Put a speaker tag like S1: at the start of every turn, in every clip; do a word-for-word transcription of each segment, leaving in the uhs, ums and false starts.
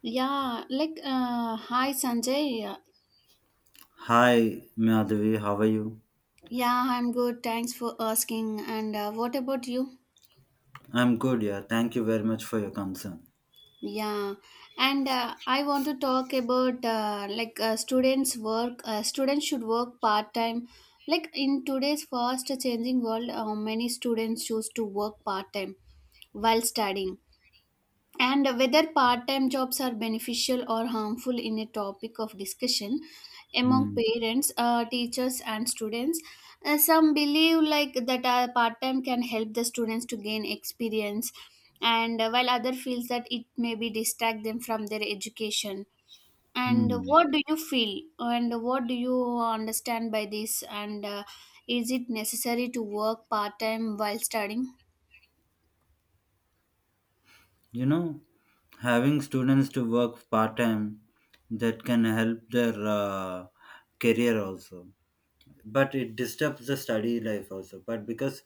S1: Yeah, like, uh, hi Sanjay. Yeah,
S2: Hi, Madhavi, how are you?
S1: Yeah, I'm good. Thanks for asking. And uh, what about you?
S2: I'm good, yeah. Thank you very much for your concern.
S1: Yeah, and uh, I want to talk about uh, like uh, students work. Uh, students should work part time. Like in today's fast changing world, uh, many students choose to work part time while studying, and whether part-time jobs are beneficial or harmful in a topic of discussion among
S2: Hmm.
S1: parents, uh, teachers and students. Uh, some believe like that uh, part-time can help the students to gain experience, and uh, while other feels that it may be distract them from their education. And
S2: Hmm.
S1: what do you feel, and what do you understand by this? And uh, is it necessary to work part-time while studying?
S2: You know, having students to work part time, that can help their uh, career also, but it disturbs the study life also. But because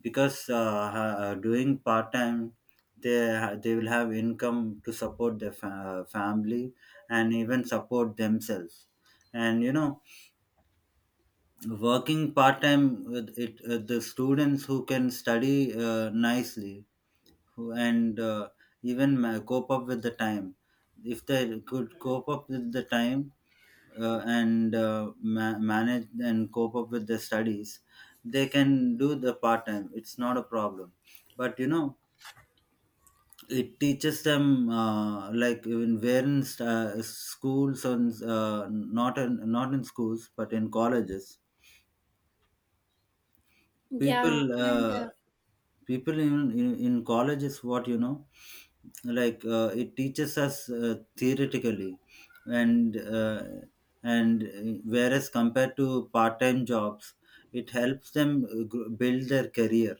S2: because uh, ha- uh, doing part time, they ha- they will have income to support their fa- uh, family and even support themselves. And you know, working part time with it, uh, the students who can study uh, nicely, who, and uh, even ma- cope up with the time, if they could cope up with the time, uh, and uh, ma- manage and cope up with their studies, they can do the part time, it's not a problem. But you know it teaches them, uh, like in where in st- uh, schools, and uh, not in, not in schools, but in colleges, people
S1: Yeah,
S2: uh, people in, in in college is what you know. Like uh, it teaches us uh, theoretically. And uh, and uh, whereas, compared to part-time jobs, it helps them uh, gr- build their career,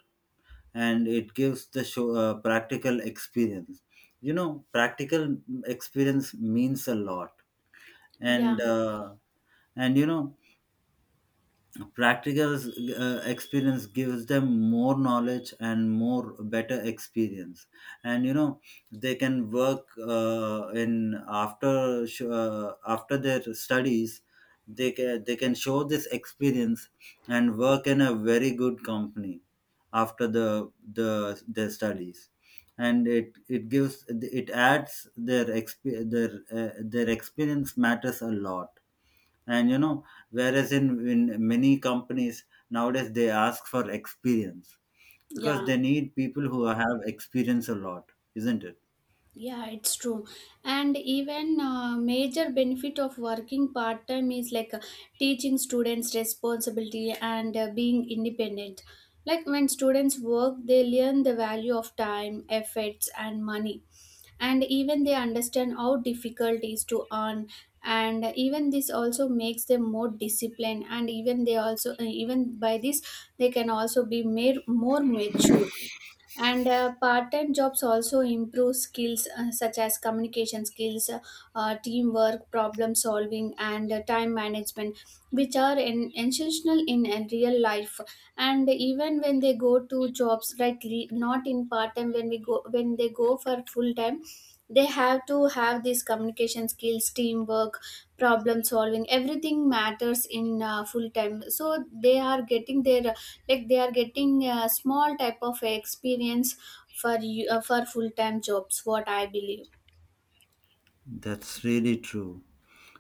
S2: and it gives the show uh, practical experience. You know, practical experience means a lot.
S1: yeah,
S2: And uh, and you know practical uh, experience gives them more knowledge and more better experience. And you know, they can work, uh, in after sh- uh, after their studies, they can they can show this experience and work in a very good company after the the their studies. And it it gives, it adds their exp- their uh, their experience matters a lot. And you know, whereas in, in many companies nowadays, they ask for experience, because
S1: yeah.
S2: they need people who have experience a lot, isn't it?
S1: Yeah, it's true. And even uh, major benefit of working part time is like uh, teaching students responsibility and uh, being independent. Like when students work, they learn the value of time, efforts, and money, and even they understand how difficult it is to earn. And even this also makes them more disciplined, and even they also uh, even by this they can also be made more mature. And uh, Part-time jobs also improve skills uh, such as communication skills, uh, teamwork, problem solving and uh, time management, which are in, essential in a real life. And even when they go to jobs like le- not in part time, when we go when they go for full time, they have to have these communication skills, teamwork, problem solving. Everything matters in uh, full time, so they are getting their, like they are getting a small type of experience for you uh, for full time jobs, what I believe.
S2: That's really true.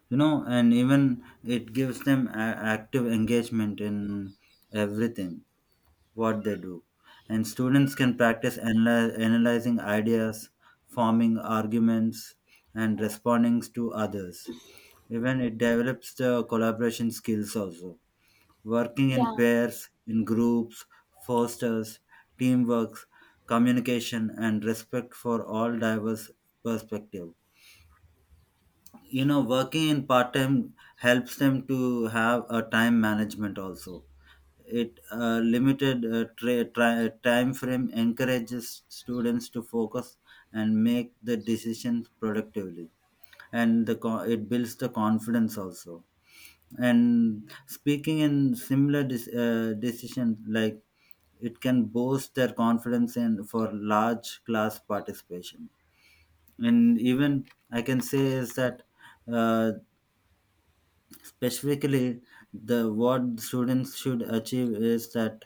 S2: You know, and even it gives them a- active engagement in everything what they do. And students can practice analy- analyzing ideas, forming arguments, and responding to others. Even it develops the collaboration skills also. Working in
S1: Yeah.
S2: pairs, in groups, fosters teamwork, communication, and respect for all diverse perspectives. You know, working in part time helps them to have a time management also. It, uh, limited, uh, tra- tri- time frame encourages students to focus and make the decisions productively, and the co- it builds the confidence also. And speaking in similar dis- uh, decisions, like it can boost their confidence in for large class participation. And even I can say is that, uh, specifically, the what students should achieve is that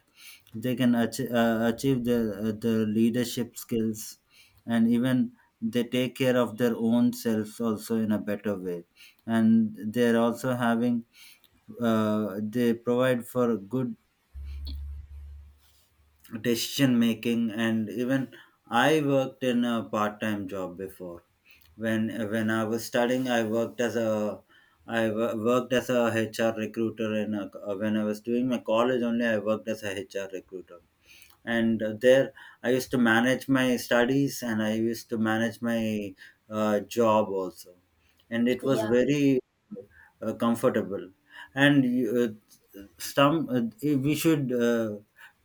S2: they can achieve, uh, achieve their, uh, their leadership skills. And even they take care of their own selves also in a better way, and they're also having, uh, they provide for good decision making. And even I worked in a part-time job before. When when i was studying, I worked as a, i wo- worked as a HR recruiter in a, when I was doing my college only, I worked as a HR recruiter. And uh, there, I used to manage my studies, and I used to manage my uh, job also. And it was
S1: yeah
S2: very uh, comfortable. And uh, some uh, we should, uh,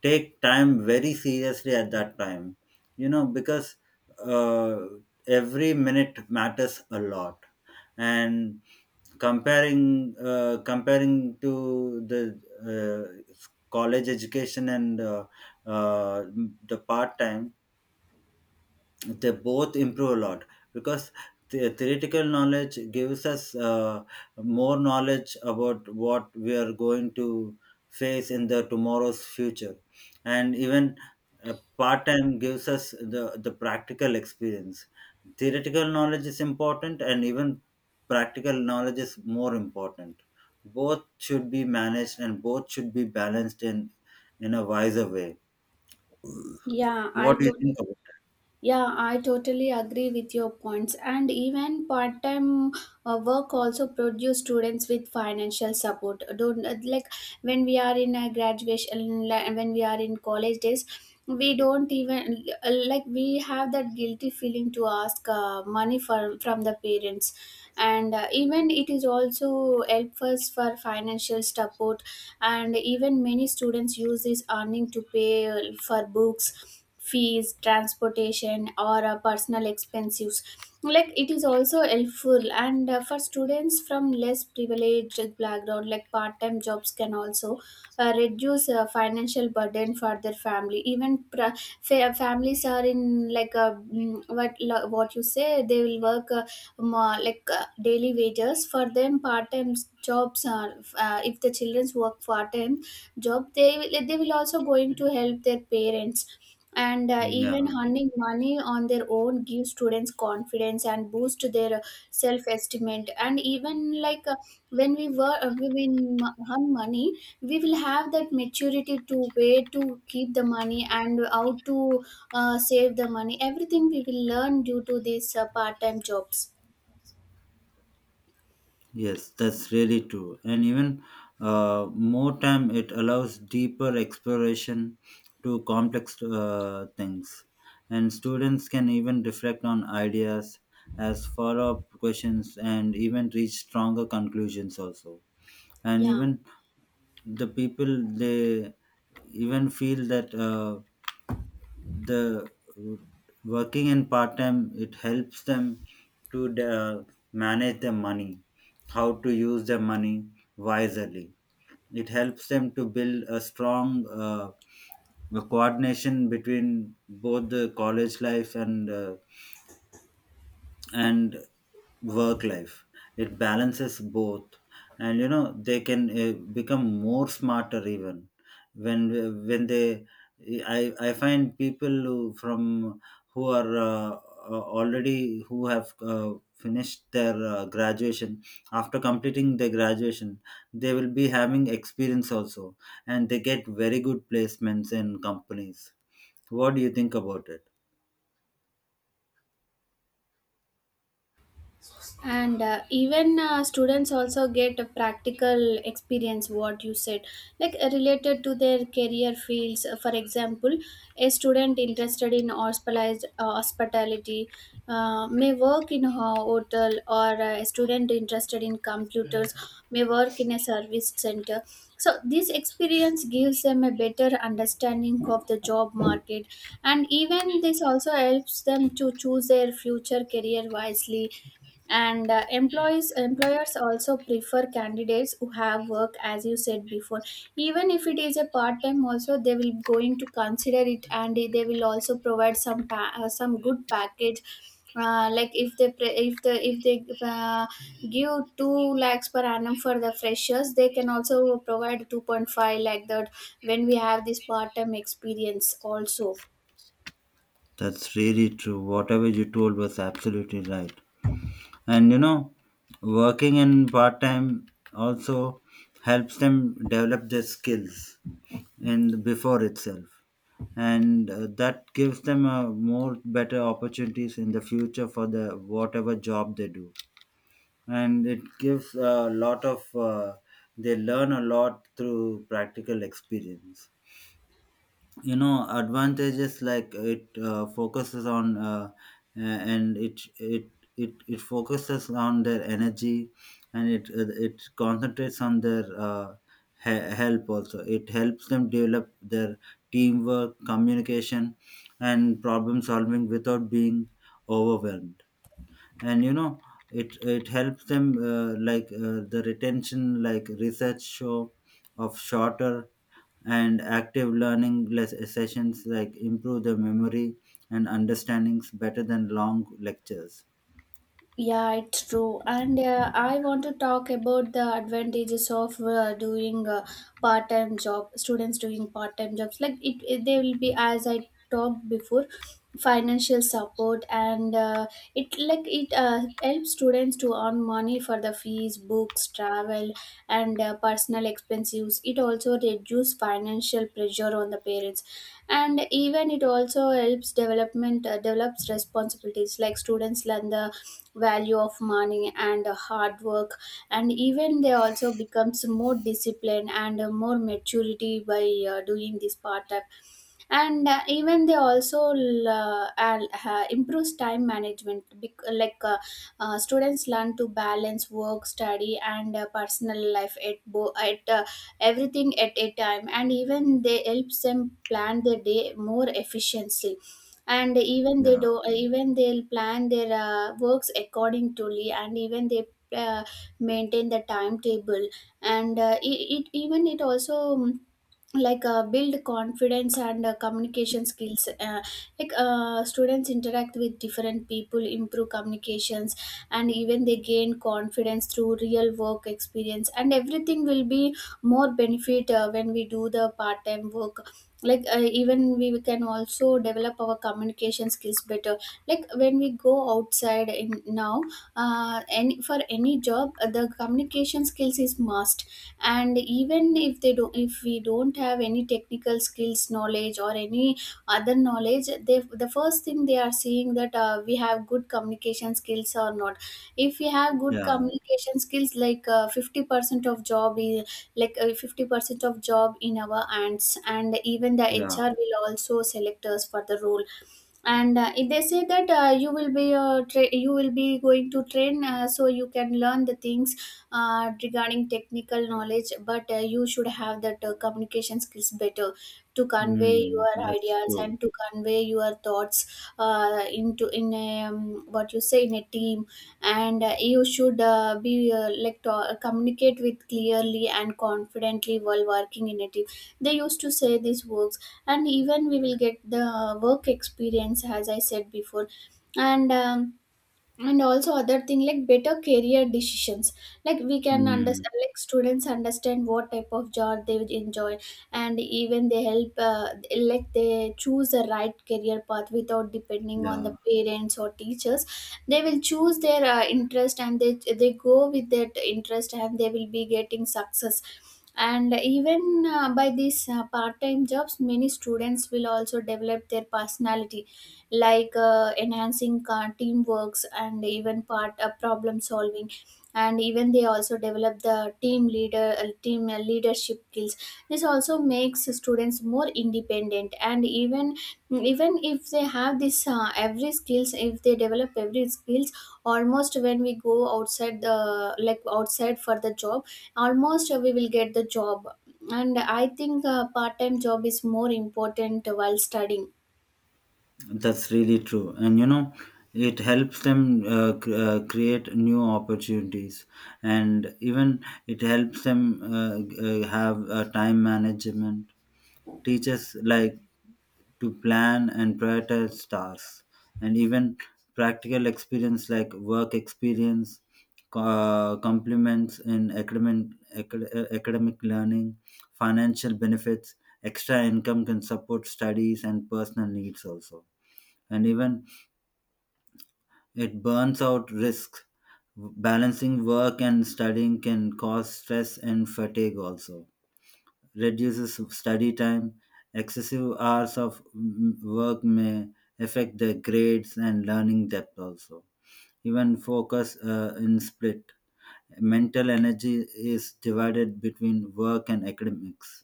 S2: take time very seriously at that time. You know, because uh, every minute matters a lot. And comparing uh, comparing to the, uh, college education, and uh, uh, the part time, they both improve a lot, because the theoretical knowledge gives us uh, more knowledge about what we are going to face in the tomorrow's future. And even uh, part time gives us the the practical experience. Theoretical knowledge is important, and even practical knowledge is more important. Both should be managed, and both should be balanced in in a wiser way.
S1: yeah I
S2: What do you think
S1: totally
S2: about that?
S1: Yeah, I totally agree with your points. And even part time uh, work also produce students with financial support. Don't uh, like when we are in a graduation, li- when we are in college days, we don't even uh, like we have that guilty feeling to ask uh, money from from the parents, and uh, even it is also help us for financial support. And even many students use this earning to pay uh, for books, fees, transportation or uh, personal expenses. Like it is also helpful, and uh, for students from less privileged background, like part-time jobs can also uh, reduce uh, financial burden for their family. Even pra- fa- families are in like a mm, what lo- what you say, they will work uh, ma- like uh, daily wages. For them, part-time jobs are uh, if the children's work part-time job, they will they will also going to help their parents. And uh,
S2: Yeah.
S1: even earning money on their own gives students confidence and boost their self-estimate. And even like uh, when we were uh, we win earn money, we will have that maturity to where to keep the money and how to uh, save the money. Everything we will learn due to these uh, part-time jobs.
S2: Yes, that's really true. And even, uh, more time, it allows deeper exploration to complex uh, things. And students can even reflect on ideas as follow up questions, and even reach stronger conclusions, also. And
S1: Yeah,
S2: even the people, they even feel that. Uh, the uh, Working in part time, it helps them to uh, manage their money, how to use their money wisely. It helps them to build a strong uh, coordination between both the college life, and uh, and work life. It balances both. And you know, they can uh, become more smarter, even when when they, i i find people who from, who are, uh, uh, already who have uh, finished their uh, graduation. After completing their graduation, they will be having experience also, and they get very good placements in companies. What do you think about it?
S1: and uh, even uh, students also get a practical experience, what you said, like uh, related to their career fields. Uh, For example, a student interested in hospitalized, uh, hospitality uh, may work in a hotel, or uh, a student interested in computers may work in a service center. So, this experience gives them a better understanding of the job market, and even this also helps them to choose their future career wisely. And uh, employees employers also prefer candidates who have work, as you said before. Even if it is a part time also, they will going to consider it, and they will also provide some pa- uh, some good package. uh, like if they pre- if the if they uh, give two lakhs per annum for the freshers, they can also provide two point five, like that, when we have this part time experience also.
S2: That's really true. Whatever you told was absolutely right. And you know, working in part time also helps them develop their skills in before itself, and uh, that gives them a more better opportunities in the future for the whatever job they do. And it gives a lot of, uh, they learn a lot through practical experience. You know, advantages like it uh, focuses on, uh, a- and it it it it focuses on their energy. And it it it concentrates on their, uh, he- help also. It helps them develop their teamwork, communication, and problem solving without being overwhelmed. And you know, it it helps them, uh, like uh, the retention, like research show, of shorter and active learning les- sessions, like improve the memory and understandings better than long lectures.
S1: Yeah, it's true. And uh, I want to talk about the advantages of uh, doing a part-time job. Students doing part-time jobs, like it, it they will be, as I talked before, financial support, and uh, it like it uh, helps students to on money for the fees, books, travel, and uh, personal expenses. It also reduces financial pressure on the parents, and even it also helps development uh, develops responsibilities. Like students learn the value of money and uh, hard work, and even they also becomes more disciplined and uh, more maturity by uh, doing this part. And uh, even they also l- uh, al- uh, improves time management bec- like uh, uh, students learn to balance work, study and uh, personal life at bo- at uh, everything at a time. And even they helps them plan their day more efficiently, and even they
S2: Yeah.
S1: do even they'll plan their uh, works according to Lee. And even they uh, maintain the timetable. And uh, it, it even it also mm, like uh, build confidence and uh, communication skills, uh, like uh, students interact with different people, improve communications. And even they gain confidence through real work experience, and everything will be more benefit uh, when we do the part time work. like uh, even we can also develop our communication skills better, like when we go outside in now. uh, any for any job, uh, the communication skills is must. And even if they don't, if we don't have any technical skills knowledge or any other knowledge, they the first thing they are seeing that uh, we have good communication skills or not. If we have good
S2: Yeah.
S1: communication skills, like uh, fifty percent of job is like uh, fifty percent of job in our hands. And even the
S2: Yeah.
S1: hr will also select us for the role. And uh, if they say that uh, you will be uh, tra- you will be going to train, uh, so you can learn the things uh, regarding technical knowledge. But uh, you should have that uh, communication skills better, to convey
S2: Mm,
S1: your
S2: that's
S1: ideas
S2: true.
S1: and to convey your thoughts uh, into in a, um, what you say, in a team. And uh, you should uh, be uh, like to- communicate with clearly and confidently while working in a team. They used to say this works. And even we will get the work experience, as I said before. And um, and also other thing, like better career decisions. Like we can
S2: Mm,
S1: understand, like students understand what type of job they would enjoy. And even they help uh, like they choose the right career path without depending on
S2: yeah,
S1: the parents or teachers. They will choose their uh, interest, and they they go with that interest and they will be getting success. And even uh, by these uh, part-time jobs, many students will also develop their personality, like uh, enhancing uh, teamworks, and even part uh, problem solving. And even they also develop the team leader uh, team uh, leadership skills. This also makes students more independent. And even, even if they have this uh, every skills, if they develop every skills, almost when we go outside the like outside for the job, almost uh, we will get the job. And I think uh, part time job is more important while studying.
S2: that's really true. And you know, it helps them uh, cr- uh, create new opportunities. And even it helps them, uh, g- uh, have a time management, teaches like to plan and prioritize tasks. And even practical experience, like work experience, uh, complements in academic, acad- uh, academic learning. Financial benefits: extra income can support studies and personal needs also. And even it burns out risks, balancing work and studying can cause stress and fatigue also, reduces study time. Excessive hours of mm, work may affect their grades and learning depth also. Even focus, uh, in split. Mental energy is divided between work and academics.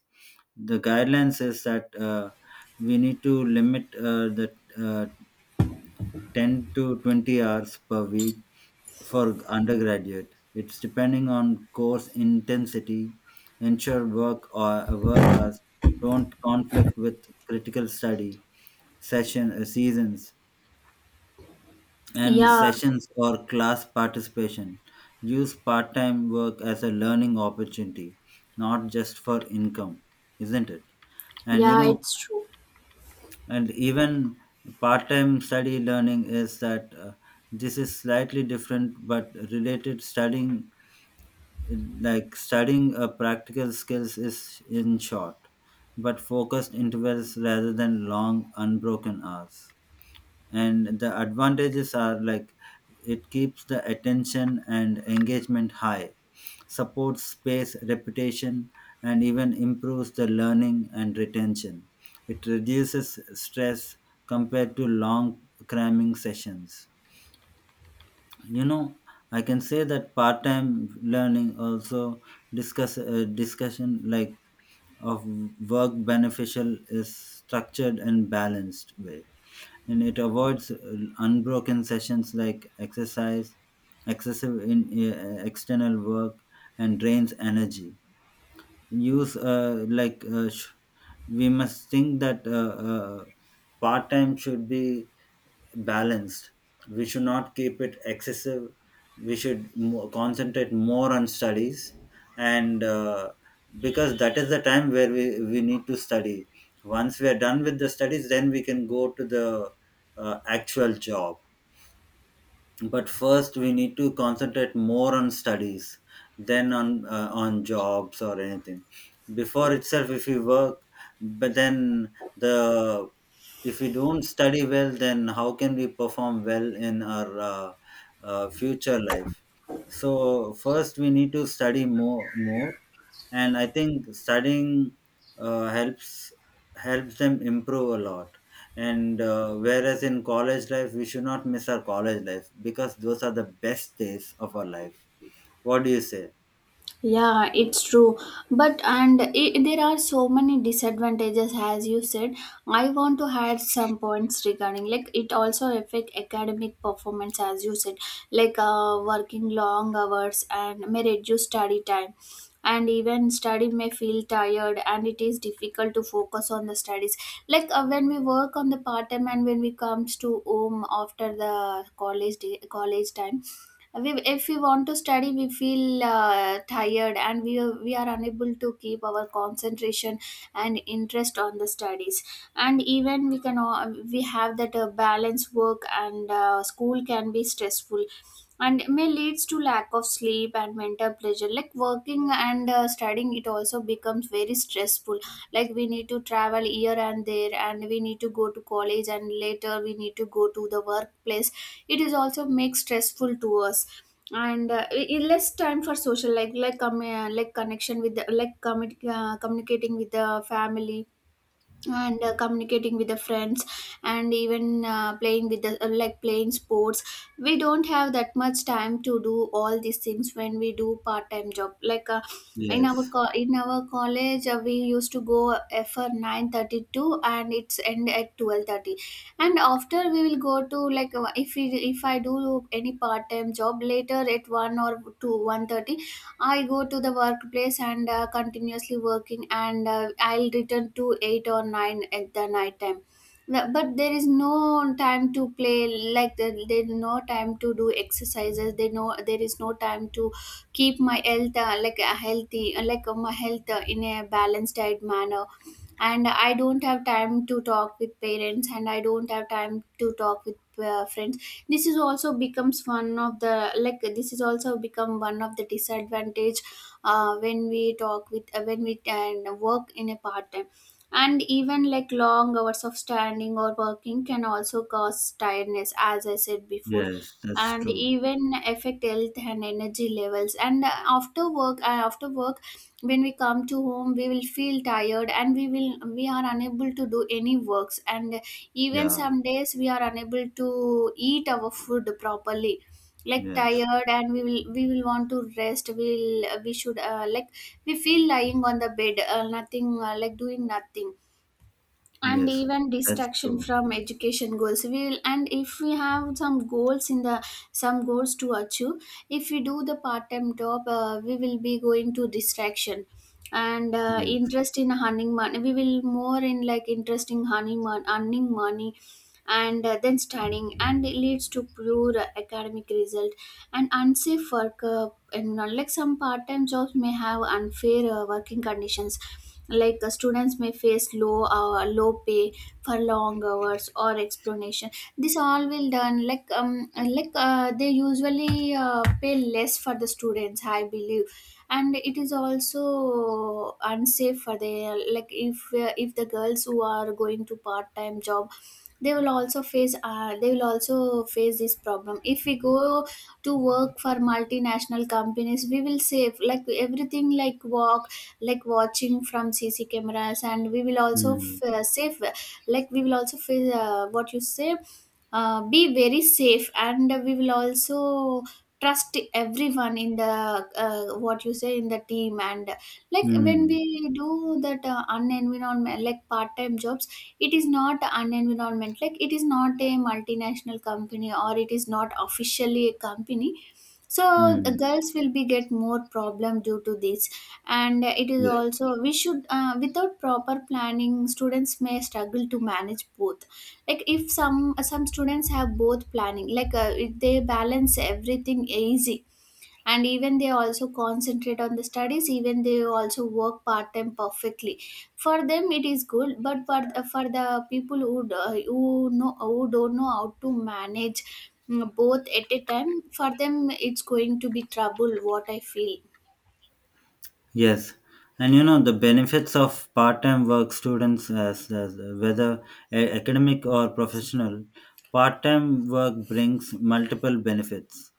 S2: The guideline says that, uh, we need to limit, uh, the uh, ten to twenty hours per week for undergraduate. It's depending on course intensity. Ensure work or work hours don't conflict with critical study session, uh, seasons and
S1: yeah
S2: sessions or class participation. Use part-time work as a learning opportunity, not just for income, isn't it? And you
S1: Yeah,
S2: know,
S1: it's true.
S2: and even part-time study learning is that, uh, this is slightly different but related studying, like studying uh, practical skills is in short but focused intervals rather than long unbroken hours. And the advantages are like, it keeps the attention and engagement high, supports space reputation, and even improves the learning and retention. It reduces stress compared to long cramming sessions. You know, I can say that part-time learning also, discuss uh, discussion like of work beneficial is structured and balanced way. And it avoids uh, unbroken sessions like exercise, excessive in uh, external work, and drains energy. use uh, like uh, sh- we must think that, uh, uh, part-time should be balanced. We should not keep it excessive. We should mo- concentrate more on studies, and uh, because that is the time where we, we need to study. Once we are done with the studies, then we can go to the uh, actual job. But first we need to concentrate more on studies than on uh, on jobs or anything, before itself if we work. But then the, if we don't study well, then how can we perform well in our, uh, uh, future life? So first we need to study more more. And I think studying uh, helps helps them improve a lot. And uh, whereas in college life, we should not miss our college life, because those are the best days of our life. What do you say?
S1: Yeah, it's true. But and I there are so many disadvantages, as you said. I want to add some points regarding, like it also affect academic performance, as you said, like uh, working long hours and may reduce study time. And even study may feel tired, and it is difficult to focus on the studies. Like uh, when we work on the part time, and when we comes to home after the college day, college time, we, if we want to study we feel uh, tired and we, are- we are unable to keep our concentration and interest on the studies. And even we can uh, we have that uh, balance work and uh, school can be stressful, and it may leads to lack of sleep and mental pleasure. Like working and uh, studying it also becomes very stressful, like we need to travel here and there, and we need to go to college and later we need to go to the workplace. It is also make stressful to us. And uh, i- i- less time for social, like like um, uh, like connection with the, like commit, uh, communicating with the family and uh, communicating with the friends. And even uh, playing with the uh, like playing sports, we don't have that much time to do all these things when we do part time job. like uh, in our
S2: Yes.
S1: co- in our college uh, we used to go uh, for nine thirty-two and it's end at twelve thirty. And after we will go to like uh, if we, if I do any part time job later at one or two, one thirty. I go to the workplace and uh, continuously working, and uh, I'll return to eight or nine at the night time. The- But there is no time to play. Like there there is no time to do exercises. There no there is no time to keep my health uh, like uh, healthy, uh, like uh, my health uh, in a balanced diet manner, and I don't have time to talk with parents, and I don't have time to talk with uh, friends. This is also becomes one of the like this is also become one of the disadvantage uh, when we talk with uh, when we and work in a part time. And even like long hours of standing or working can also cause tiredness, as I said before,
S2: Yes, that's
S1: and
S2: true.
S1: even affect health and energy levels. And uh, after work uh, after work, when we come to home, we will feel tired, and we will we are unable to do any works. And even
S2: Yeah.
S1: some days we are unable to eat our food properly, like
S2: Yes.
S1: tired. And we will we will want to rest. We will we should uh, like We feel lying on the bed, uh, nothing uh, like doing nothing. And
S2: Yes,
S1: even
S2: that's
S1: distraction
S2: true.
S1: from education goals, we will and if we have some goals in the, some goals to achieve, if we do the part-time job, uh, we will be going to distraction. And uh,
S2: Yes.
S1: interest in earning money, we will more in like interest in earning, mon- earning money, and uh, then studying, and it leads to poor academic result. And unsafe work, uh, and uh, like some part-time jobs may have unfair uh, working conditions. Like uh, students may face low uh, low pay for long hours or explanation. This all will done like um like uh, they usually uh, pay less for the students, I believe. And it is also unsafe for the, like if uh, if the girls who are going to part time job, they will also face uh, they will also face this problem. If we go to work for multinational companies, we will save like everything, like walk, like watching from cc cameras, and we will also f-
S2: Mm.
S1: uh, save, like we will also face uh, what you say, uh, be very safe, and we will also trust everyone in the, uh, what you say, in the team. And like when
S2: Mm.
S1: we do that uh, unenvironment, like part-time jobs, it is not unenvironment, like it is not a multinational company, or it is not officially a company, so the
S2: Mm.
S1: girls will be get more problem due to this. And it is
S2: Yes.
S1: also we should, uh, without proper planning students may struggle to manage both. Like if some some students have both planning, like uh, if they balance everything easy, and even they also concentrate on the studies, even they also work part time perfectly, for them it is good. But for for the people who d- who know who don't know how to manage, mm, both at a time, for them it's going to be trouble, what I feel.
S2: Yes, and you know the benefits of part-time work students as, as whether a- academic or professional, part-time work brings multiple benefits,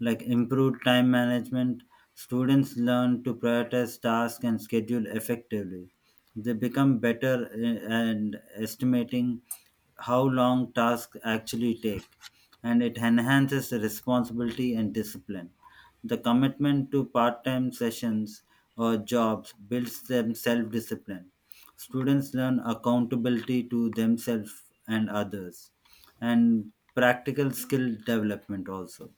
S2: like improved time management. Students learn to prioritize tasks and schedule effectively. They become better i- and estimating how long tasks actually take, and it enhances responsibility and discipline. The commitment to part time sessions or jobs builds them self discipline. Students learn accountability to themselves and others, and practical skill development also.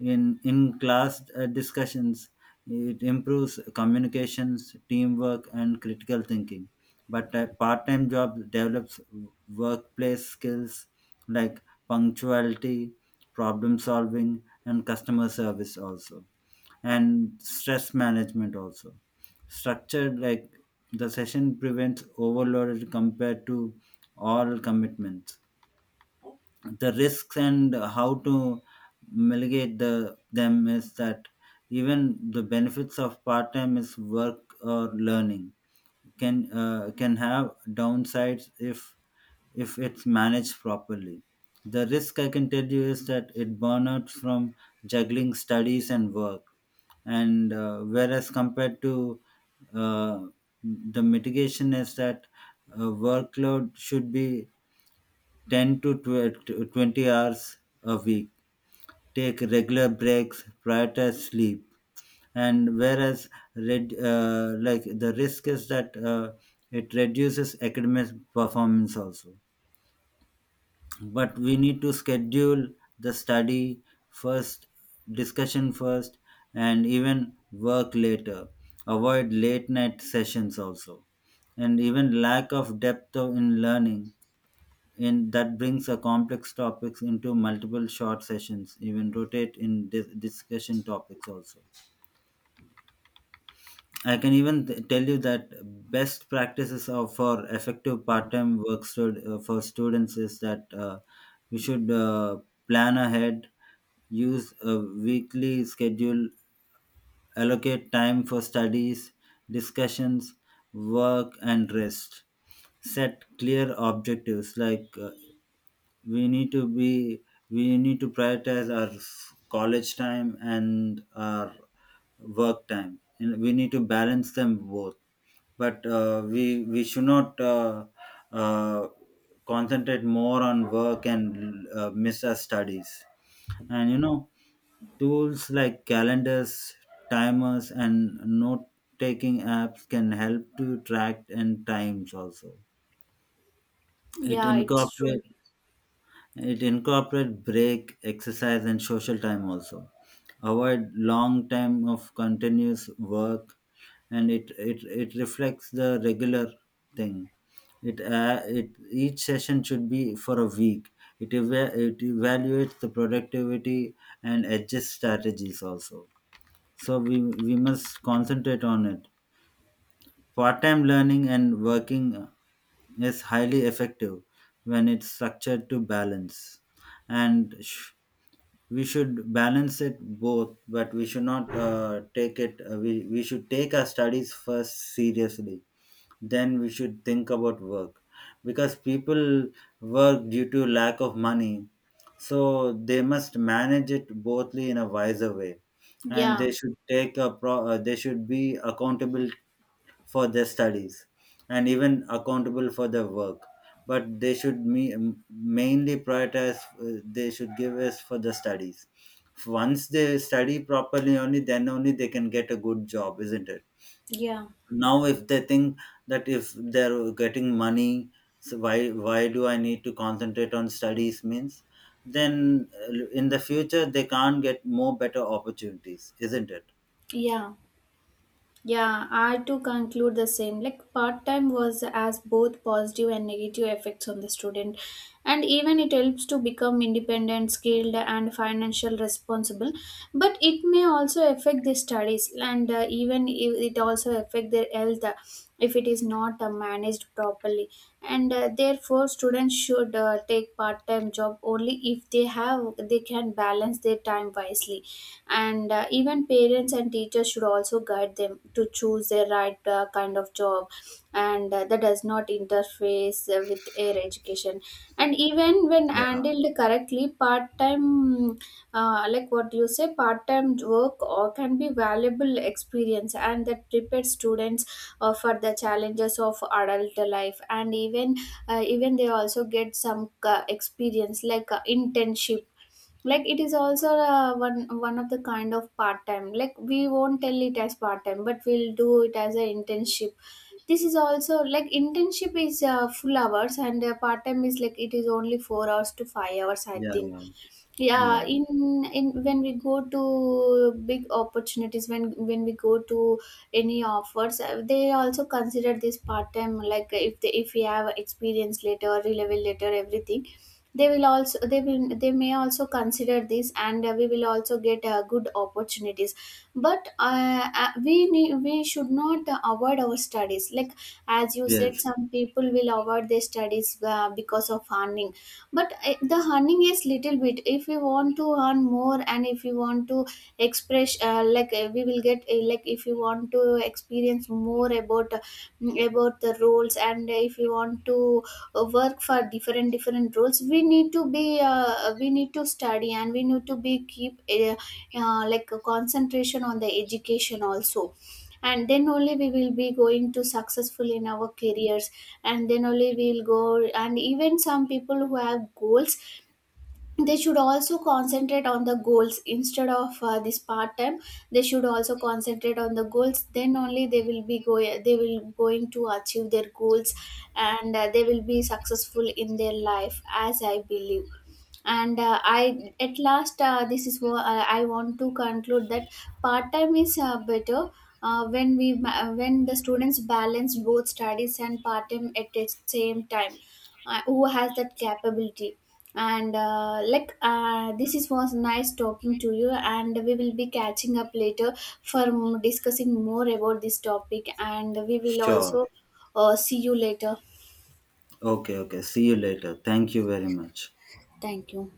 S2: In, in class uh, discussions, it improves communications, teamwork, and critical thinking. But a part time job develops workplace skills like punctuality, problem solving, and customer service also, and stress management also. Structured like, the session prevents overload compared to all commitments. The risks and how to mitigate the them is that, even the benefits of part time is work or learning can, uh, can have downsides if if it's managed properly. The risk I can tell you is that it burn from juggling studies and work. And uh, whereas compared to, uh, the mitigation is that, uh, workload should be ten to twelve to twenty hours a week, take regular breaks, prioritize sleep. And whereas red, uh, like the risk is that, uh, it reduces academic performance also. But we need to schedule the study first, discussion first, and even work later. Avoid late night sessions also. And even lack of depth of- in learning, in that brings a complex topics into multiple short sessions, even rotate in dis- discussion topics also. I can even t- tell you that best practices of for effective part-time work stud- uh, for students is that, uh, we should, uh, plan ahead, use a weekly schedule, allocate time for studies, discussions, work, and rest. Set clear objectives like, uh, we need to be, we need to prioritize our f- college time and our work time, and we need to balance them both. But uh, we we should not, uh, uh, concentrate more on work and uh, miss our studies. And you know, tools like calendars, timers, and note taking apps can help to track and times also. It
S1: Yeah, it's true.
S2: incorporates, it incorporate break, exercise, and social time also. Avoid long time of continuous work, and it it, it reflects the regular thing. It uh, it each session should be for a week. It eva- it evaluates the productivity and adjust strategies also. So we we must concentrate on it. Part time learning and working is highly effective when it's structured to balance. And sh- we should balance it both, but we should not uh, take it, uh, we, we should take our studies first seriously, then we should think about work. Because people work due to lack of money, so they must manage it bothly in a wiser way. And
S1: Yeah,
S2: they should take a pro- uh, they should be accountable for their studies, and even accountable for their work. But they should me- mainly prioritize, uh, they should give us for the studies. Once they study properly, only then only they can get a good job, isn't it?
S1: yeah,
S2: Now if they think that if they're getting money, so why why do I need to concentrate on studies means, then uh, in the future they can't get more better opportunities, isn't it?
S1: yeah. Yeah, I to conclude the same. Like part time was as both positive and negative effects on the student, and even it helps to become independent, skilled, and financial responsible. But it may also affect the studies, and uh, even if it also affect their health uh, if it is not uh, managed properly. And uh, therefore, students should uh, take part time job only if they have they can balance their time wisely. And uh, even parents and teachers should also guide them to choose their right uh, kind of job, and uh, that does not interface uh, with their education. And even when
S2: Yeah.
S1: handled correctly, part-time, uh, like what you say part-time work or can be valuable experience, and that prepares students uh, for the challenges of adult life. And even uh, even they also get some uh, experience, like uh, internship. Like it is also uh, one one of the kind of part time. Like we won't tell it as part time, but we'll do it as an internship. This is also like internship is uh, full hours, and uh, part time is like it is only four hours to five hours, I
S2: Yeah.
S1: think.
S2: Yeah,
S1: Yeah,
S2: yeah.
S1: in in when we go to big opportunities, when when we go to any offers, uh, they also consider this part time. Like uh, if they if we have experience later, or relevel later, everything, they will also they will they may also consider this, and uh, we will also get uh, good opportunities. But uh, uh, we need, we should not uh, avoid our studies, like as you said,
S2: Yes.
S1: some people will avoid their studies uh, because of earning. But eh, the earning is little bit. If we want to earn more, and if we want to express uh, like eh, we will get eh, like if you want to experience more about uh, mm, about the roles, and if you want to uh, work for different different roles, we need to be uh, we need to study, and we need to be keep uh, uh, like a concentration on the education also. And then only we will be going to successful in our careers, and then only we will go. And even some people who have goals, they should also concentrate on the goals instead of uh, this part time. They should also concentrate on the goals, then only they will be go they will going to achieve their goals, and uh, they will be successful in their life, as I believe. And uh, i at last, uh, this is what uh, I want to conclude: that part time is uh, better uh, when we ma- when the students balance both studies and part time at the same time, uh, who has that capability. And uh, like uh, this is was nice talking to you, and we will be catching up later for m- discussing more about this topic. And we will
S2: Sure.
S1: also, uh, see you later.
S2: Okay, okay. See you later. Thank you very much.
S1: Thank you.